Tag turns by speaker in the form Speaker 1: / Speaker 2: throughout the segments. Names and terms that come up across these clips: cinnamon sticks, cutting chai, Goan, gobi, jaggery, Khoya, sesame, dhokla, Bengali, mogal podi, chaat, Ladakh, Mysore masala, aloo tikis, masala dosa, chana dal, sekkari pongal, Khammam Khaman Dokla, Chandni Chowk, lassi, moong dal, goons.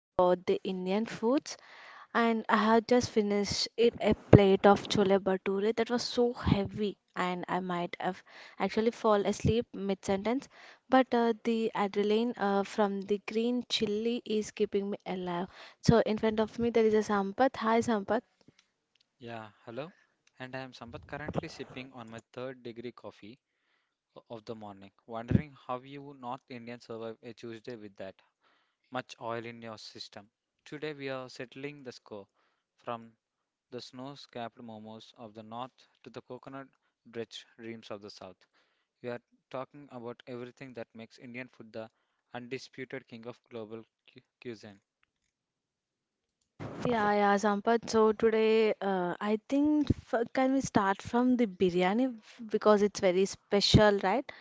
Speaker 1: about the Indian foods, and I have just finished it a plate of chole bhature that was so heavy and I might have actually fall asleep mid-sentence, but the adrenaline from the green chili is keeping me alive. So in front of me there is a Sampath. Hi Sampath.
Speaker 2: Yeah, hello. And I am Sampath, currently sipping on my third degree coffee of the morning, wondering how you North Indians survive a Tuesday with that much oil in your system. Today we are settling the score from the snow-capped momos of the north to the coconut-drenched dreams of the south. We are talking about everything that makes Indian food the undisputed king of global cuisine.
Speaker 1: Yeah, yeah, Sampath. So today, I think f can we start from the biryani because it's very special, right?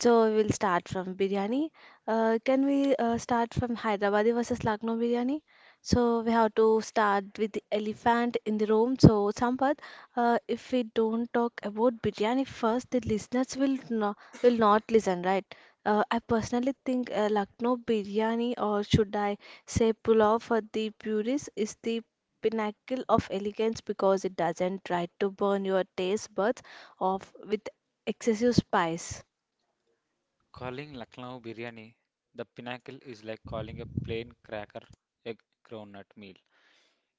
Speaker 1: So we'll start from biryani. Can we start from Hyderabadi versus Lucknow biryani? So we have to start with the elephant in the room. So Sampath, if we don't talk about biryani first, the listeners will no, will not listen, right? I personally think Lucknow biryani, or should I say pulao for the purists, is the pinnacle of elegance because it doesn't try to burn your taste buds off with excessive spice.
Speaker 2: Calling Lucknow biryani the pinnacle is like calling a plain cracker a groundnut meal.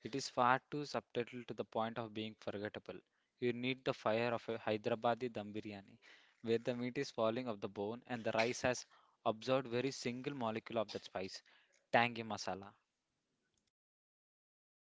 Speaker 2: It is far too subtle to the point of being forgettable. You need the fire of a Hyderabadi dum biryani, where the meat is falling off the bone and the rice has absorbed very single molecule of that spice, tangy masala.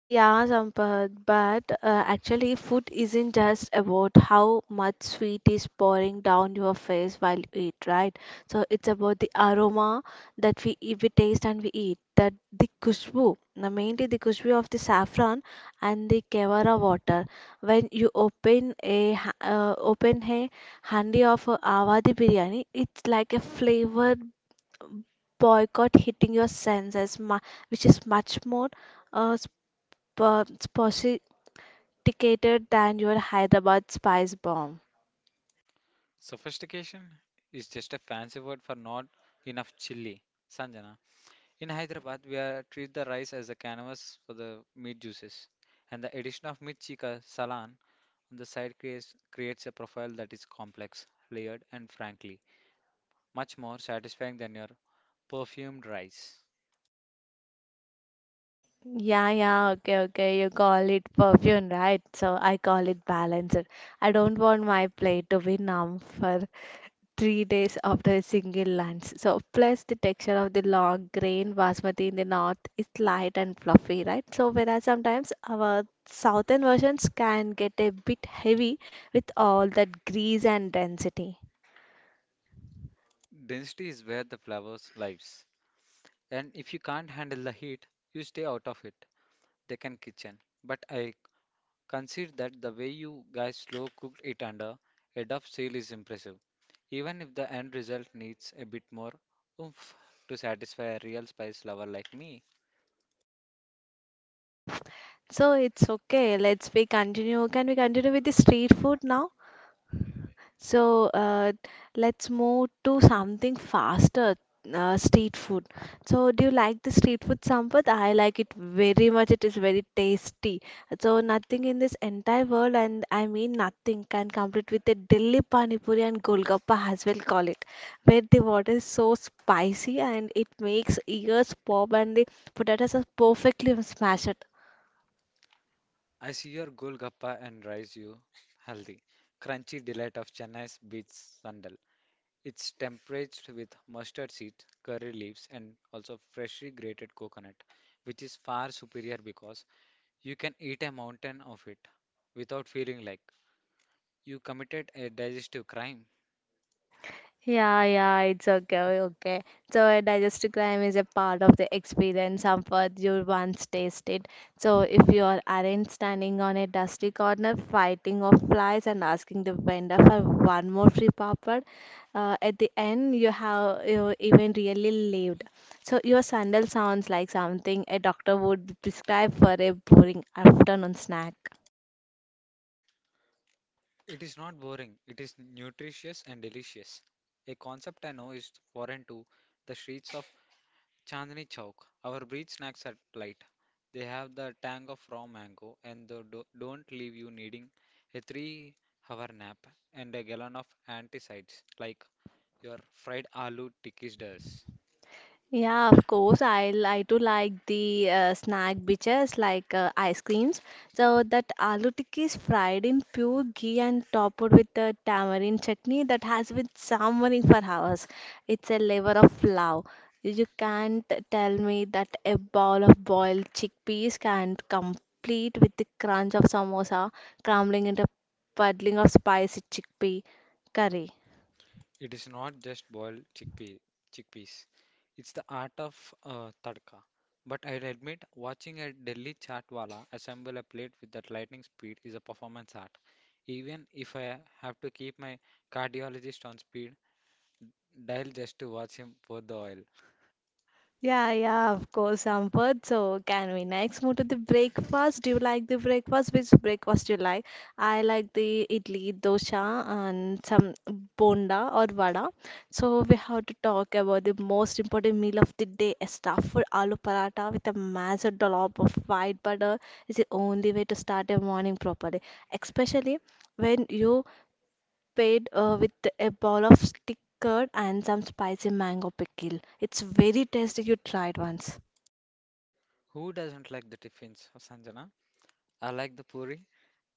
Speaker 1: Yeah, Sampath, but actually, food isn't just about how much sweet is pouring down your face while you eat, right? So it's about the aroma that we taste and we eat. That the kushbu, mainly the kushbu of the saffron and the kevara water. When you open a open a handi of awadhi biryani, it's like a flavor boycott hitting your senses, which is much more uh, sp- sophisticated than your Hyderabad spice bomb.
Speaker 2: Sophistication is just a fancy word for not enough chili, Sanjana. In Hyderabad, we are treat the rice as a canvas for the meat juices, and the addition of mirchika salan on the side creates a profile that is complex, layered, and frankly much more satisfying than your perfumed rice.
Speaker 1: Yeah, yeah, okay, okay. You call it perfume, right? So I call it balancer. I don't want my plate to be numb for 3 days after a single lunch. So plus the texture of the long grain basmati in the north is light and fluffy, right? So whereas sometimes our southern versions can get a bit heavy with all that grease and density.
Speaker 2: Density is where the flavors lives, and if you can't handle the heat, you stay out of it. Deccan kitchen, but I consider that the way you guys slow cooked it under a dove seal is impressive, even if the end result needs a bit more oomph to satisfy a real spice lover like me.
Speaker 1: So it's okay. Let's we continue. Can we continue with the street food now? So let's move to something faster. Street food. So do you like the street food, Sampath? I like it very much. It is very tasty. So nothing in this entire world, and I mean nothing, can compete with the Delhi Pani Puri and Golgappa as well call it, where the water is so spicy and it makes ears pop and the potatoes are perfectly smashed.
Speaker 2: I see your golgappa and rice you healthy, crunchy delight of Chennai's beach sandal. It's tempered with mustard seeds, curry leaves, and also freshly grated coconut, which is far superior because you can eat a mountain of it without feeling like you committed a digestive crime.
Speaker 1: Yeah, yeah, it's okay, okay. So a digestive crime is a part of the experience of what you once tasted. So if you are aren't standing on a dusty corner fighting off flies and asking the vendor for one more free papad, at the end you have you even really lived. So your sandal sounds like something a doctor would prescribe for a boring afternoon snack.
Speaker 2: It is not boring, it is nutritious and delicious. A concept I know is foreign to the streets of Chandni Chowk. Our breed snacks are light. They have the tang of raw mango and they don't leave you needing a 3 hour nap and a gallon of anticides like your fried aloo tikis does.
Speaker 1: Yeah, of course. I do like the snack bitches like ice creams. So that aloo tikki is fried in pure ghee and topped with a tamarind chutney that has been simmering for hours. It's a level of love. You can't tell me that a bowl of boiled chickpeas can't complete with the crunch of samosa crumbling into puddling of spicy chickpea curry.
Speaker 2: It is not just boiled chickpeas. It's the art of tadka. But I'll admit, watching a Delhi chaat wala assemble a plate with that lightning speed is a performance art, even if I have to keep my cardiologist on speed dial just to watch him pour the oil.
Speaker 1: Yeah, yeah, of course, Sampath. So, can we next move to the breakfast? Do you like the breakfast? Which breakfast do you like? I like the idli, dosa, and some bonda or vada. So, we have to talk about the most important meal of the day. A stuffed aloo paratha with a massive dollop of white butter is the only way to start your morning properly, especially when you paired with a bowl of stick curd and some spicy mango pickle. It's very tasty. You tried once.
Speaker 2: Who doesn't like the tiffins, Sanjana? I like the puri.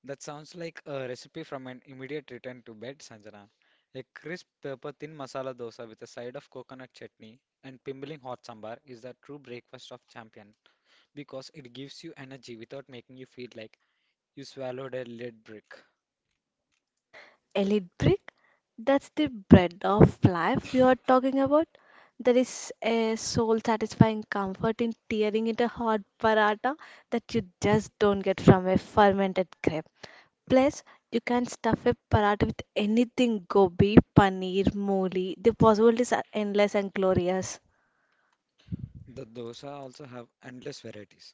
Speaker 2: That sounds like a recipe from an immediate return to bed, Sanjana. A crisp, pepper thin masala dosa with a side of coconut chutney and pimpling hot sambar is the true breakfast of champion, because it gives you energy without making you feel like you swallowed a lead brick.
Speaker 1: Elite brick? That's the bread of life you are talking about. There is a soul satisfying comfort in tearing into a hot paratha that you just don't get from a fermented crepe. Plus, you can stuff a paratha with anything gobi, paneer, mooli. The possibilities are endless and glorious.
Speaker 2: The dosa also have endless varieties: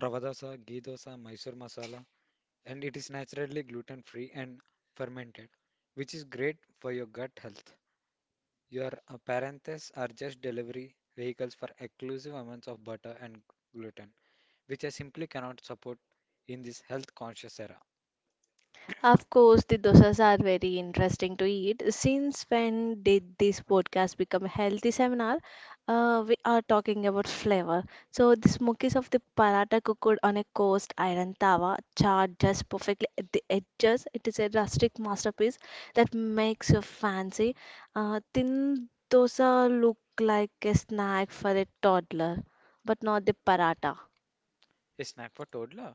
Speaker 2: rava dosa, ghee dosa, Mysore masala. And it is naturally gluten free and fermented, which is great for your gut health. Your parenthets are just delivery vehicles for exclusive amounts of butter and gluten, which I simply cannot support in this health conscious era.
Speaker 1: Of course, the dosas are very interesting to eat. Since when did this podcast become a healthy seminar? We are talking about flavor. So, the smokies of the paratha cooked on a coast iron tawa, charred just perfectly at the edges. It is a rustic masterpiece that makes you fancy. Thin dosa look like a snack for a toddler, but not the paratha.
Speaker 2: A snack for toddler?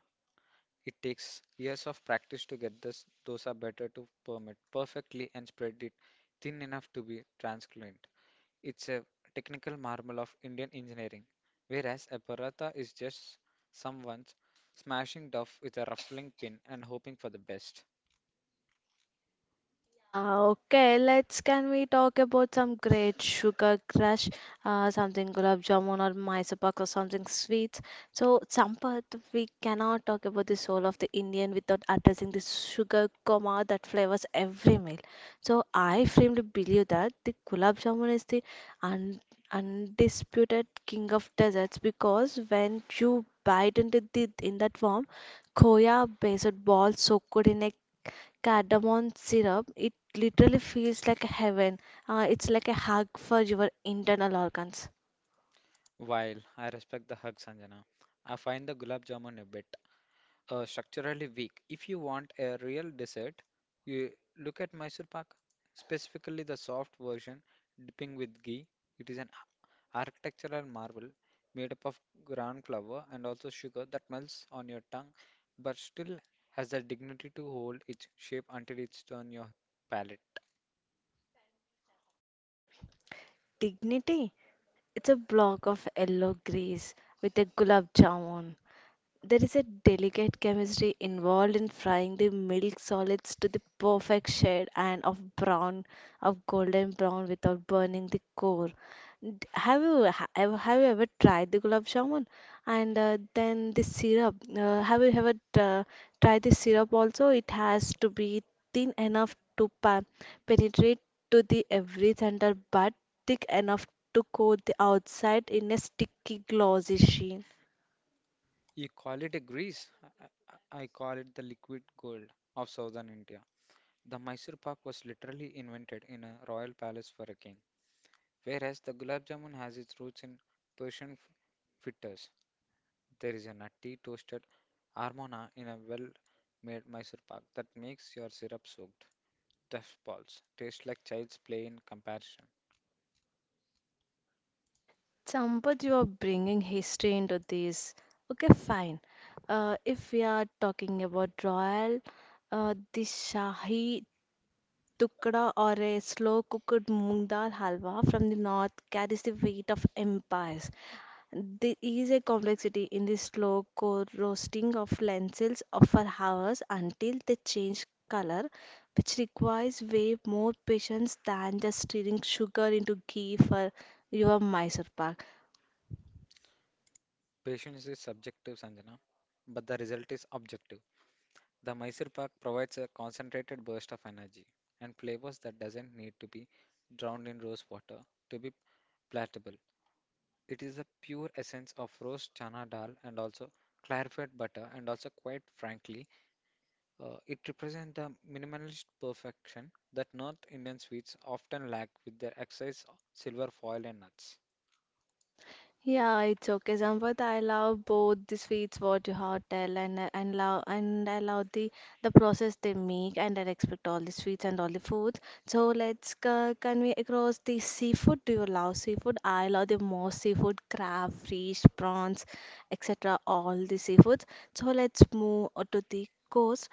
Speaker 2: It takes years of practice to get this dosa better to permit perfectly and spread it thin enough to be translucent. It's a technical marvel of Indian engineering, whereas a paratha is just someone smashing dough with a ruffling pin and hoping for the best.
Speaker 1: Yeah, okay. Let's can we talk about some great sugar crush, something gulab jamun or Mysore pak or something sweet. So Sampath, we cannot talk about the soul of the Indian without addressing the sugar coma that flavors every meal. So I firmly believe that the gulab jamun is the un undisputed king of desserts because when you bite into the in that form, Khoya based ball soaked in a cardamom syrup, it literally feels like a heaven. It's like a hug for your internal organs.
Speaker 2: While I respect the hug, Sanjana, I find the gulab jamun a bit structurally weak. If you want a real dessert, you look at Mysore pak, specifically the soft version, dipping with ghee. It is an architectural marvel made up of ground flour and also sugar that melts on your tongue, but still has the dignity to hold its shape until it's on your palate.
Speaker 1: Dignity, it's a block of yellow grease with a gulab jamun. There is a delicate chemistry involved in frying the milk solids to the perfect shade and of brown, of golden brown without burning the core. Have you ha- ever have you ever tried the gulab jamun? And then the syrup. Have you ever uh, tried the syrup also? It has to be thin enough to penetrate to the every center, but thick enough to coat the outside in a sticky glossy sheen.
Speaker 2: You call it a grease. I, I I call it the liquid gold of southern India. The Mysore pak was literally invented in a royal palace for a king, whereas the gulab jamun has its roots in Persian fritters. There is a nutty toasted armona in a well-made Mysore pak that makes your syrup-soaked stuffed balls taste like child's play in comparison.
Speaker 1: Sampath, you are bringing history into this. Okay, fine. If we are talking about royal, the Shahi Tukda or a slow cooked moong dal halwa from the north carries the weight of empires. There is a complexity in the slow co roasting of lentils for hours until they change color, which requires way more patience than just stirring sugar into ghee for your Mysore pak.
Speaker 2: Patience is subjective, Sanjana, but the result is objective. The Mysore pak provides a concentrated burst of energy and flavors that doesn't need to be drowned in rose water to be palatable. It is a pure essence of roast chana dal and also clarified butter, and also quite frankly, it represents the minimalist perfection that North Indian sweets often lack with their excess silver foil and nuts.
Speaker 1: Yeah, it's okay, Sampath. I love both the sweets what you have tell and love and I love the process they make, and I respect all the sweets and all the foods. So let's convey across the seafood. Do you love seafood? I love the most seafood, crab, fish, prawns, etc. All the seafoods. So let's move on to the coast.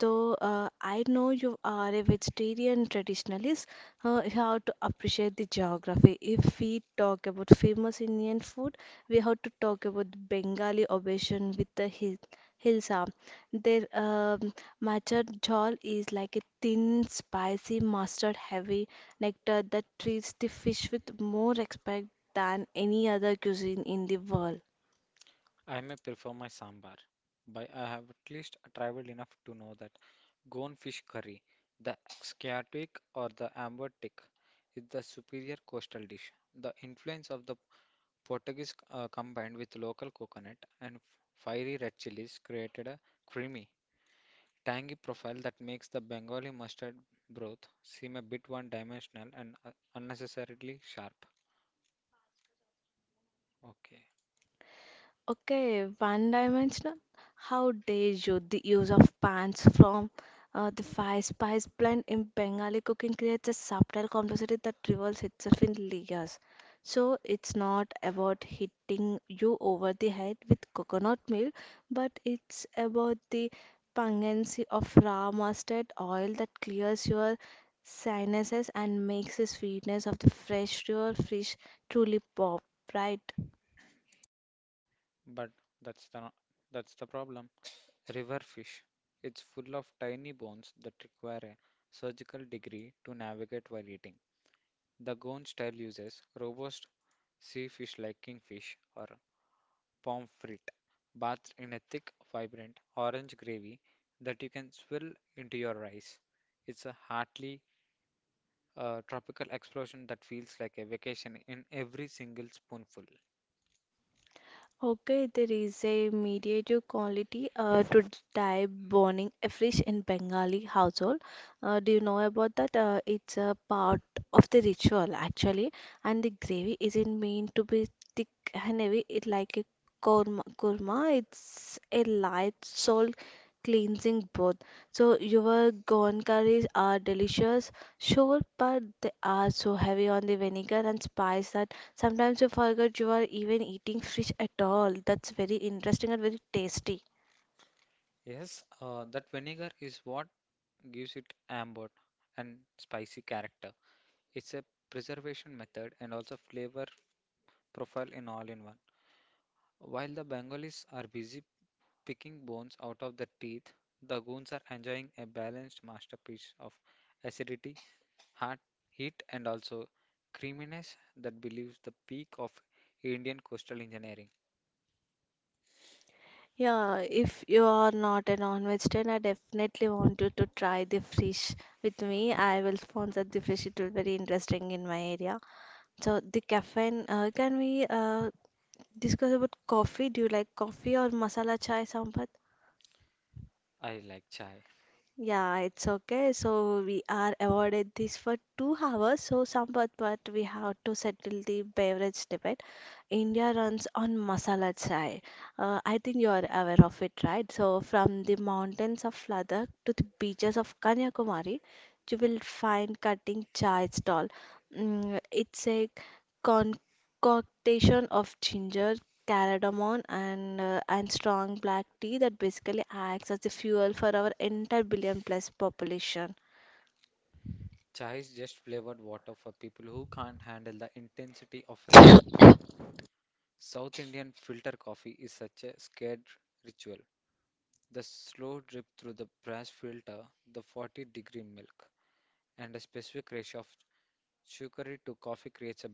Speaker 1: So I know you are a vegetarian traditionalist how to appreciate the geography. If we talk about famous Indian food, we have to talk about the Bengali obsession with the hilsa. Their matcha jhol is like a thin, spicy, mustard-heavy nectar that treats the fish with more respect than any other cuisine in the world.
Speaker 2: I may prefer my sambar, but I have at least traveled enough to know that Goan fish curry, the Sciatic or the amber tick, is the superior coastal dish. The influence of the Portuguese, combined with local coconut and fiery red chilies, created a creamy, tangy profile that makes the Bengali mustard broth seem a bit one-dimensional and unnecessarily sharp. Okay,
Speaker 1: Okay, one dimensional. How dare you? The use of pans from the Five Spice blend in Bengali cooking creates a subtle complexity that reveals itself in layers. So it's not about hitting you over the head with coconut milk, but it's about the pungency of raw mustard oil that clears your sinuses and makes the sweetness of the fresh, pure fish truly pop, right?
Speaker 2: but that's the that's the problem. River fish. It's full of tiny bones that require a surgical degree to navigate while eating. The Goan style uses robust sea fish like kingfish or pommes frites, bathed in a thick, vibrant orange gravy that you can swill into your rice. It's a hearty, tropical explosion that feels like a vacation in every single spoonful.
Speaker 1: Okay, there is a mediative quality to type burning afresh in Bengali household. Do you know about that? It's a part of the ritual actually, and the gravy isn't meant to be thick and heavy. It like a korma. Korma, it's a light salt cleansing bath. So your gone curries are delicious, sure, but they are so heavy on the vinegar and spice that sometimes you forget you are even eating fish at all. That's very interesting and very tasty.
Speaker 2: Yes, that vinegar is what gives it amber and spicy character. It's a preservation method and also flavor profile in all in one. While the Bengalis are busy picking bones out of the teeth, the goons are enjoying a balanced masterpiece of acidity, heart, heat, and also creaminess that believes the peak of Indian coastal engineering.
Speaker 1: Yeah, if you are not a non-vegetarian, I definitely want you to try the fish with me. I will sponsor the fish. It will be very interesting in my area. So the caffeine, can we discuss about coffee? Do you like coffee or masala chai sambar?
Speaker 2: I like chai.
Speaker 1: Yeah, it's okay. So we are awarded this for 2 hours. So somewhat, but we have to settle the beverage debate. India runs on masala chai. I think you are aware of it, right? So from the mountains of Ladakh to the beaches of Kanyakumari, you will find cutting chai stall. Mm, it's a concoction of ginger, cardamom, and strong black tea that basically acts as the fuel for our entire billion plus population.
Speaker 2: Chai is just flavored water for people who can't handle the intensity of real bean. South Indian filter coffee is such a scared ritual. The slow drip through the brass filter, the 40-degree milk, and a specific ratio of sugary to coffee creates a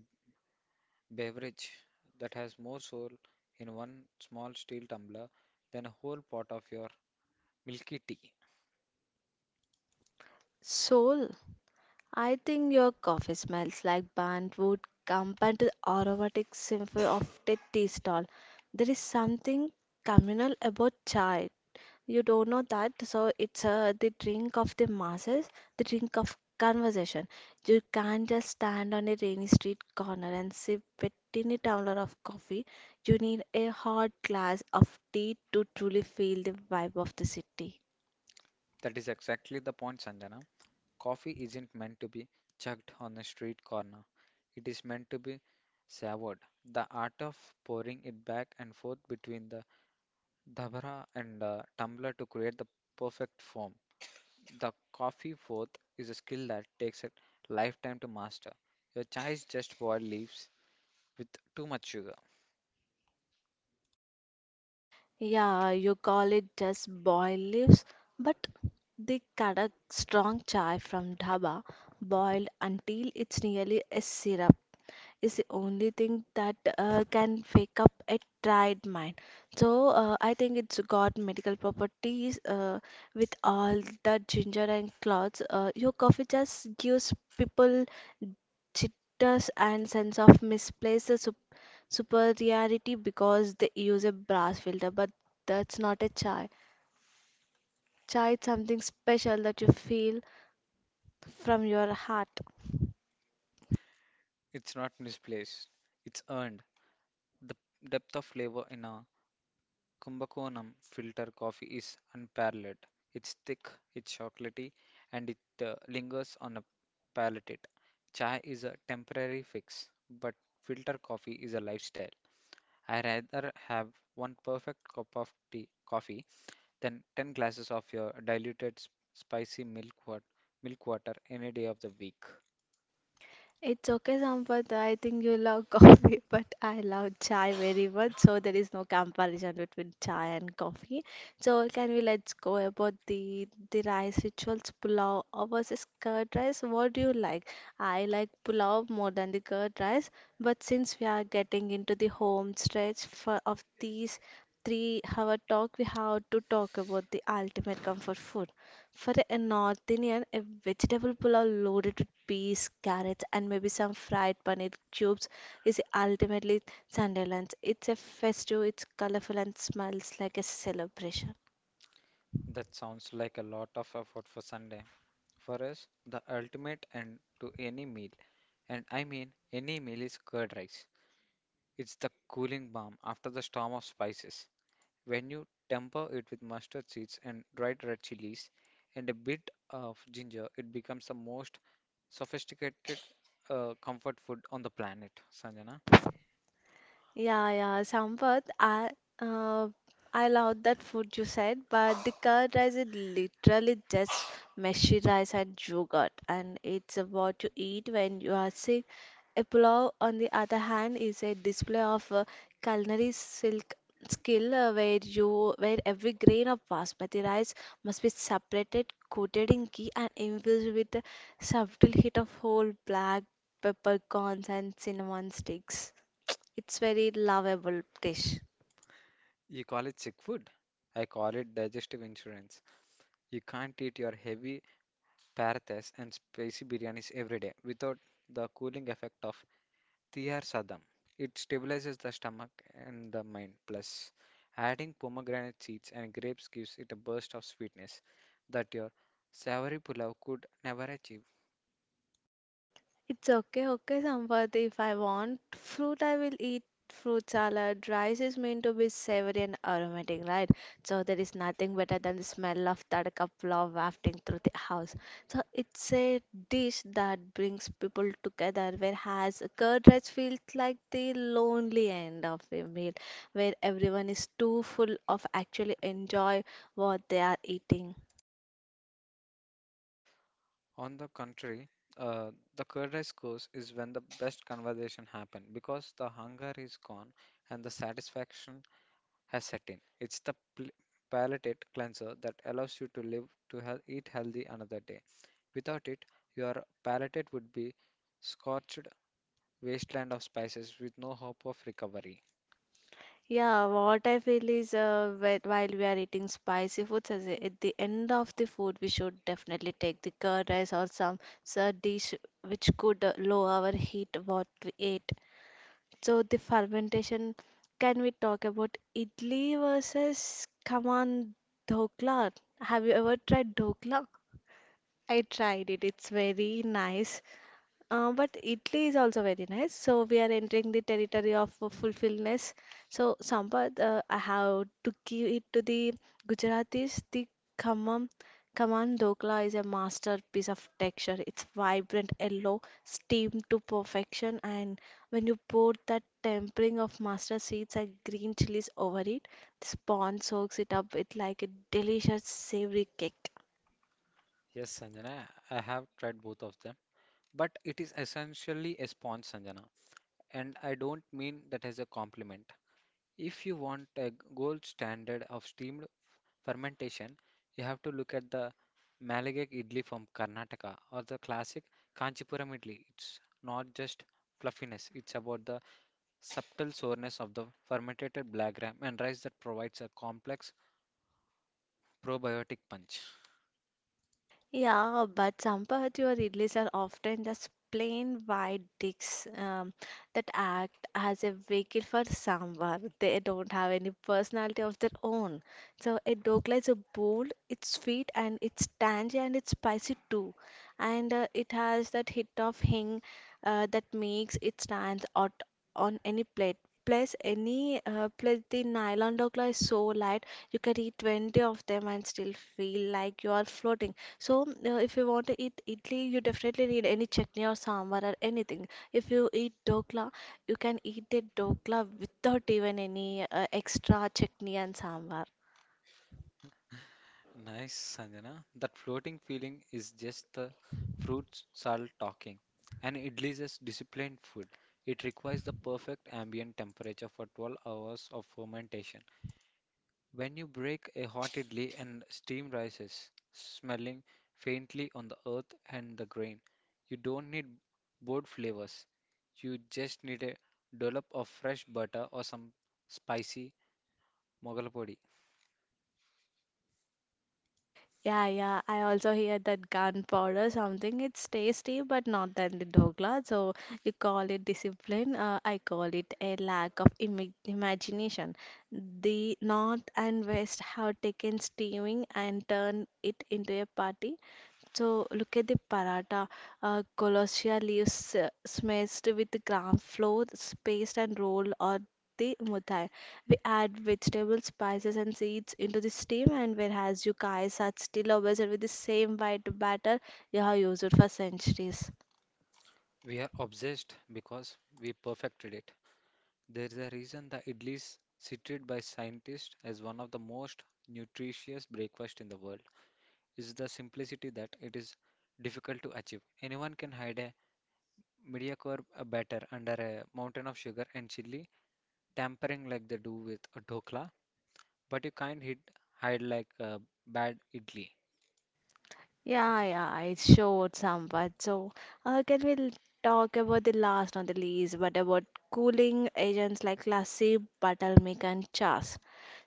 Speaker 2: beverage that has more soul in one small steel tumbler than a whole pot of your milky tea.
Speaker 1: So, I think your coffee smells like bandwood combined with the aromatic symphony of the tea stall. There is something communal about chai. You don't know that, so it's the drink of the masses, the drink of conversation. You can't just stand on a rainy street corner and sip a tiny tumbler of coffee. You need a hot glass of tea to truly feel the vibe of the city.
Speaker 2: That is exactly the point, Sanjana. Coffee isn't meant to be chugged on a street corner. It is meant to be savored. The art of pouring it back and forth between the dabra and tumbler to create the perfect foam. The coffee fourth is a skill that takes a lifetime to master. Your chai is just boiled leaves with too much sugar.
Speaker 1: Yeah, you call it just boiled leaves, but they cut a strong chai from dhaba, boiled until it's nearly a syrup, is the only thing that can wake up a tired mind. So I think it's got medical properties with all the ginger and cloves. Your coffee just gives people chitters and sense of misplaced superiority because they use a brass filter, but that's not a chai. Chai is something special that you feel from your heart.
Speaker 2: It's not misplaced. It's earned. The depth of flavor in a Kumbakonam filter coffee is unparalleled. It's thick, it's chocolatey, and it lingers on a palate. Chai is a temporary fix, but filter coffee is a lifestyle. I rather have one perfect cup of tea coffee than 10 glasses of your diluted spicy milk, milk water any day of the week.
Speaker 1: It's okay, Sampath. I think you love coffee, but I love chai very much. So there is no comparison between chai and coffee. So can we let's go about the rice rituals, pulao versus curd rice? What do you like? I like pulao more than the curd rice, but since we are getting into the home stretch of these 3 hour talk, we have to talk about the ultimate comfort food. For a North Indian, a vegetable pulao loaded with peas, carrots, and maybe some fried paneer cubes is ultimately Sunday lunch. It's a festive, it's colorful, and smells like a celebration.
Speaker 2: That sounds like a lot of effort for Sunday. For us, the ultimate end to any meal, and I mean any meal, is curd rice. It's the cooling balm after the storm of spices. When you temper it with mustard seeds and dried red chilies and a bit of ginger, it becomes the most sophisticated comfort food on the planet, Sanjana.
Speaker 1: Yeah, yeah, Sampath, uh, I love that food you said, but the curd rice is literally just meshy rice and yogurt, and it's what you eat when you are sick. A pulao, on the other hand, is a display of culinary silk skill, where you where every grain of basmati rice must be separated, coated in ghee, and infused with a subtle hit of whole black peppercorns and cinnamon sticks. It's very lovable dish.
Speaker 2: You call it sick food. I call it digestive insurance. You can't eat your heavy parathas and spicy biryanis every day without the cooling effect of Thiyar Sadam. It stabilizes the stomach and the mind. Plus, adding pomegranate seeds and grapes gives it a burst of sweetness that your savory pulao could never achieve.
Speaker 1: It's okay, okay, Sampath. If I want fruit, I will eat fruit salad. Rice is meant to be savory and aromatic, right? So there is nothing better than the smell of that couple of wafting through the house. So it's a dish that brings people together, whereas curd rice feels like the lonely end of a meal, where everyone is too full of actually enjoy what they are eating.
Speaker 2: On the contrary, uh, the curd rice course is when the best conversation happen, because the hunger is gone and the satisfaction Hassetin. It's the palate cleanser that allows you to live to eat healthy another day. Without it, your palate would be scorched wasteland of spices with no hope of recovery.
Speaker 1: Yeah, what I feel is while we are eating spicy foods, at the end of the food, we should definitely take the curd rice or some sir dish which could lower our heat what we ate. So the fermentation, can we talk about idli versus kaman dhokla? Have you ever tried dhokla? I tried it. It's very nice. But Italy is also very nice. So we are entering the territory of fulfillness. So Sampath, I have to give it to the Gujaratis. The Khammam Khaman Dokla is a masterpiece of texture. It's vibrant yellow, steamed to perfection, and when you pour that tempering of mustard seeds and green chilies over it, the spawn soaks it up with like a delicious savory cake.
Speaker 2: Yes, Sanjana, I have tried both of them, but it is essentially a sponge, Sanjana, and I don't mean that as a compliment. If you want a gold standard of steamed fermentation, you have to look at the Malagak idli from Karnataka or the classic Kanchipuram idli. It's not just fluffiness, it's about the subtle soreness of the fermented black gram and rice that provides a complex probiotic punch.
Speaker 1: Yeah, but Sampath, your idlis are often just plain white dicks that act as a vehicle for someone. They don't have any personality of their own. So a dokla is a bold, it's sweet and it's tangy and it's spicy too. And it has that hit of hing, that makes it stands out on any plate. Plus, any plus the nylon dokla is so light you can eat 20 of them and still feel like you are floating. So, if you want to eat idli, you definitely need any chutney or sambar or anything. If you eat dokla, you can eat the dokla without even any extra chutney and sambar.
Speaker 2: Nice, Sanjana. That floating feeling is just the fruit salt talking. And idli is a disciplined food. It requires the perfect ambient temperature for 12 hours of fermentation. When you break a hot idli and steam rises, smelling faintly on the earth and the grain. You don't need bold flavors. You just need a dollop of fresh butter or some spicy mogal podi.
Speaker 1: Yeah, yeah. I also hear that gunpowder something. It's tasty, but not than the dokla. So you call it discipline. I call it a lack of imi imagination. The North and West have taken steaming and turned it into a party. So look at the paratha, colossia leaves smashed with gram flour, paste and roll or the muthai. We add vegetables, spices and seeds into the steam and whereas you guys are still obsessed with the same white batter you have used for centuries.
Speaker 2: We are obsessed because we perfected it. There is a reason the idli is cited by scientists as one of the most nutritious breakfast in the world. It's the simplicity that it is difficult to achieve. Anyone can hide a Mediacorp a batter under a mountain of sugar and chili, tampering like they do with a dhokla, but you can't hit hide like a bad idli.
Speaker 1: Yeah, yeah, it showed somewhat. So, uh, can we l- talk about the last on the list, but about cooling agents like lassi, buttermilk, and chas?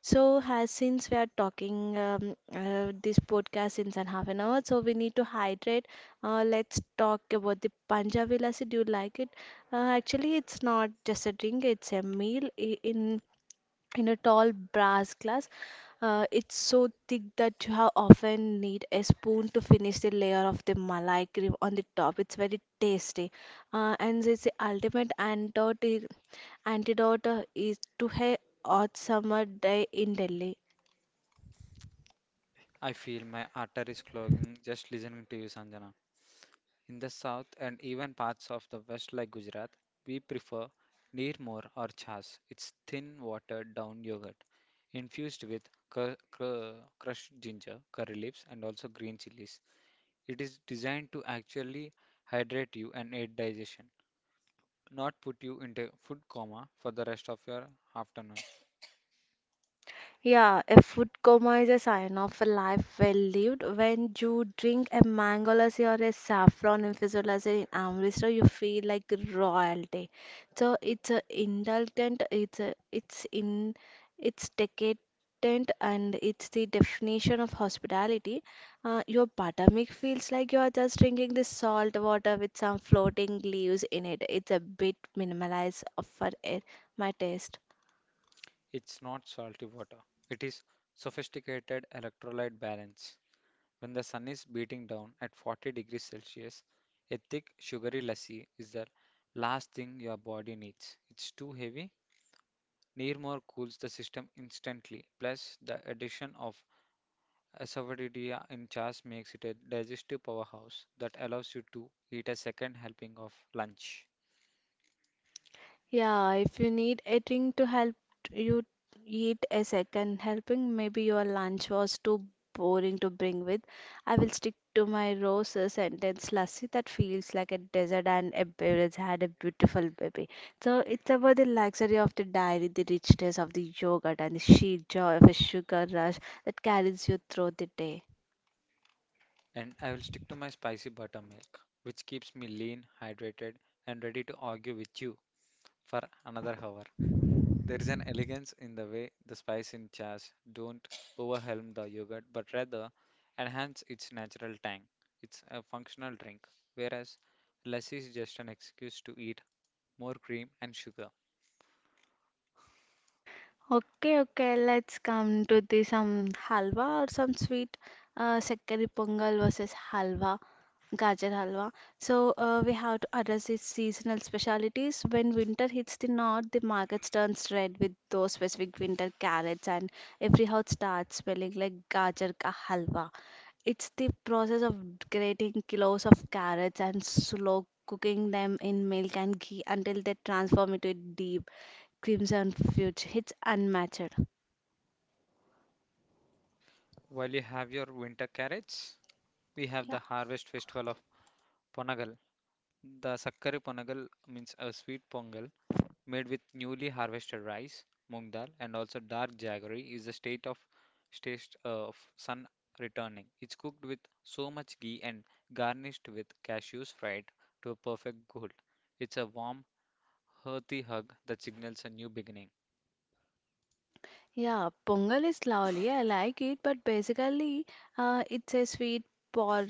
Speaker 1: So, has since we are talking this podcast since an half an hour, so we need to hydrate. Let's talk about the Punjabi lassi. Do you like it? Actually, it's not just a drink; it's a meal. In a tall brass glass. It's so thick that you have often need a spoon to finish the layer of the malai cream on the top. It's very tasty, and it's the ultimate antidote. Antidote is to a hot summer day in Delhi.
Speaker 2: I feel my arteries clogging just listening to you, Sanjana. In the south and even parts of the west like Gujarat, we prefer neermor or chas. It's thin, watered down yogurt infused with crushed ginger, curry leaves, and also green chilies. It is designed to actually hydrate you and aid digestion, not put you into food coma for the rest of your afternoon.
Speaker 1: Yeah, a food coma is a sign of a life well lived. When you drink a mango lassi or a saffron infused lassi in Amritsar, you feel like royalty. So it's a indulgent, it's decadent, and it's the definition of hospitality. Your buttermilk feels like you are just drinking this salt water with some floating leaves in it. It's a bit minimalized for my taste.
Speaker 2: It's not salty water. It is sophisticated electrolyte balance. When the sun is beating down at 40 degrees Celsius, a thick sugary lassi is the last thing your body needs. It's too heavy. Nearmore cools the system instantly. Plus, the addition of Asafoetida in chars makes it a digestive powerhouse that allows you to eat a second helping of lunch.
Speaker 1: Yeah, if you need a thing to help you eat a second helping, maybe your lunch was too boring to bring with. I will stick to my roses sentence, lassi that feels like a desert and a beverage had a beautiful baby. So it's about the luxury of the dairy, the richness of the yogurt, and the sheer joy of a sugar rush that carries you through the day.
Speaker 2: And I will stick to my spicy buttermilk, which keeps me lean, hydrated, and ready to argue with you for another hour. There is an elegance in the way the spice in chas don't overwhelm the yogurt, but rather enhance its natural tang. It's a functional drink, whereas lassi is just an excuse to eat more cream and sugar.
Speaker 1: Okay, okay, let's come to the some halwa or some sweet, sekkari pongal versus halwa, gajar halwa. So we have to address these seasonal specialities. When winter hits the north, the markets turns red with those specific winter carrots, and every house starts smelling like gajar ka halwa. It's the process of grating kilos of carrots and slow cooking them in milk and ghee until they transform into a deep Crimson Fuge, it's unmatched.
Speaker 2: While you have your winter carrots, we have
Speaker 1: Yeah.
Speaker 2: the harvest festival of Ponagal. The Sakkari Ponagal means a sweet pongal made with newly harvested rice, moong dal, and also dark jaggery is the state of taste of sun returning. It's cooked with so much ghee and garnished with cashews fried to a perfect gold. It's a warm, earthy hug that signals a new beginning.
Speaker 1: Yeah, Pongal is lovely. I like it, but basically, it's a sweet por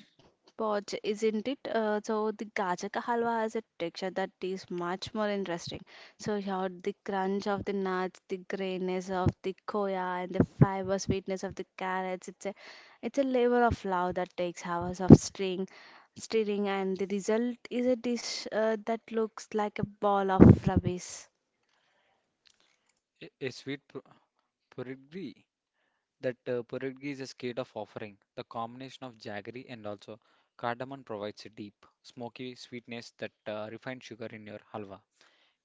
Speaker 1: porch, isn't it? So the gaja ka halwa has a texture that is much more interesting. So here, the crunch of the nuts, the grayness of the koya, and the fiber sweetness of the carrots. It's a labor of love that takes hours of stirring, and the result is a dish that looks like a ball of rubbish.
Speaker 2: A sweet purigri that purigri is a state of offering. The combination of jaggery and also cardamom provides a deep, smoky sweetness that refined sugar in your halwa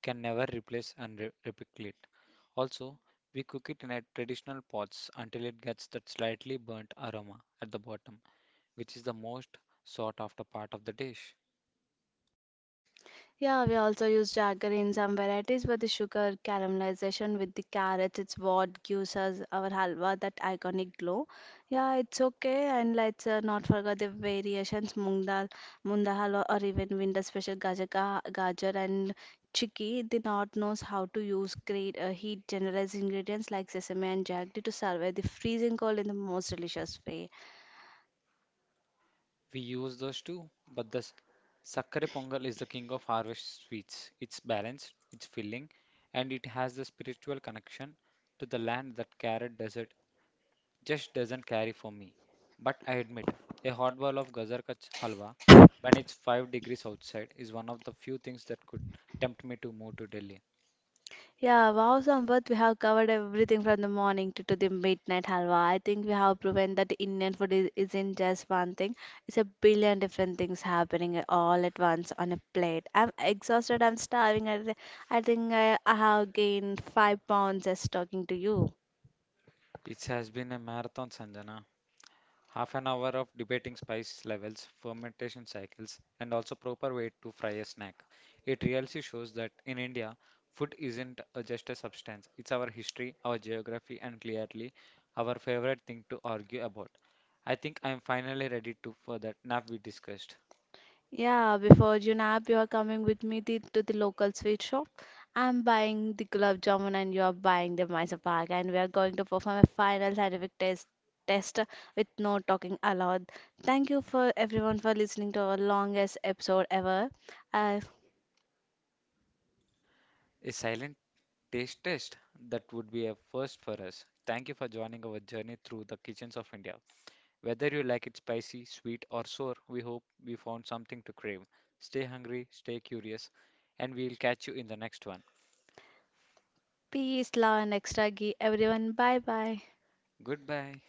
Speaker 2: can never replace and replicate. Also, we cook it in a traditional pots until it gets that slightly burnt aroma at the bottom, which is the most sought after part of the dish.
Speaker 1: Yeah, we also use jaggery in some varieties, but the sugar caramelization with the carrots, it's what gives us our halwa that iconic glow. Yeah, it's okay, and let's not forget the variations moong dal, munda halwa, or even winter special gajar, gajar and chicky. The north knows how to use great heat generous ingredients like sesame and jaggery to survive the freezing cold in the most delicious way.
Speaker 2: We use those too, but the sakkare pongal is the king of harvest sweets. It's balanced, it's filling, and it has the spiritual connection to the land that carrot desert just doesn't carry for me. But I admit, a hot bowl of gajar ka halwa when it's 5 degrees outside is one of the few things that could tempt me to move to Delhi.
Speaker 1: Yeah, wow, Sampath, we have covered everything from the morning to the midnight halwa. I think we have proven that Indian food isn't just one thing, it's a billion different things happening all at once on a plate. I'm exhausted, I'm starving. I think I have gained 5 pounds just talking to you.
Speaker 2: It has been a marathon, Sanjana. Half an hour of debating spice levels, fermentation cycles, and also proper way to fry a snack. It really shows that in India, food isn't just a substance, it's our history, our geography, and clearly our favorite thing to argue about. I think I'm finally ready to for that nap we discussed.
Speaker 1: Yeah, before Junaid, you are coming with me to the local sweet shop. I'm buying the gulab jamun and you are buying the Mysore pak and we are going to perform a final scientific test with no talking allowed. Thank you for everyone for listening to our longest episode ever. Uh,
Speaker 2: A silent taste test that would be a first for us. Thank you for joining our journey through the kitchens of India. Whether you like it spicy, sweet, or sour, we hope we found something to crave. Stay hungry, stay curious, and we'll catch you in the next one.
Speaker 1: peace, love and extra ghee. Everyone, bye bye.
Speaker 2: Goodbye.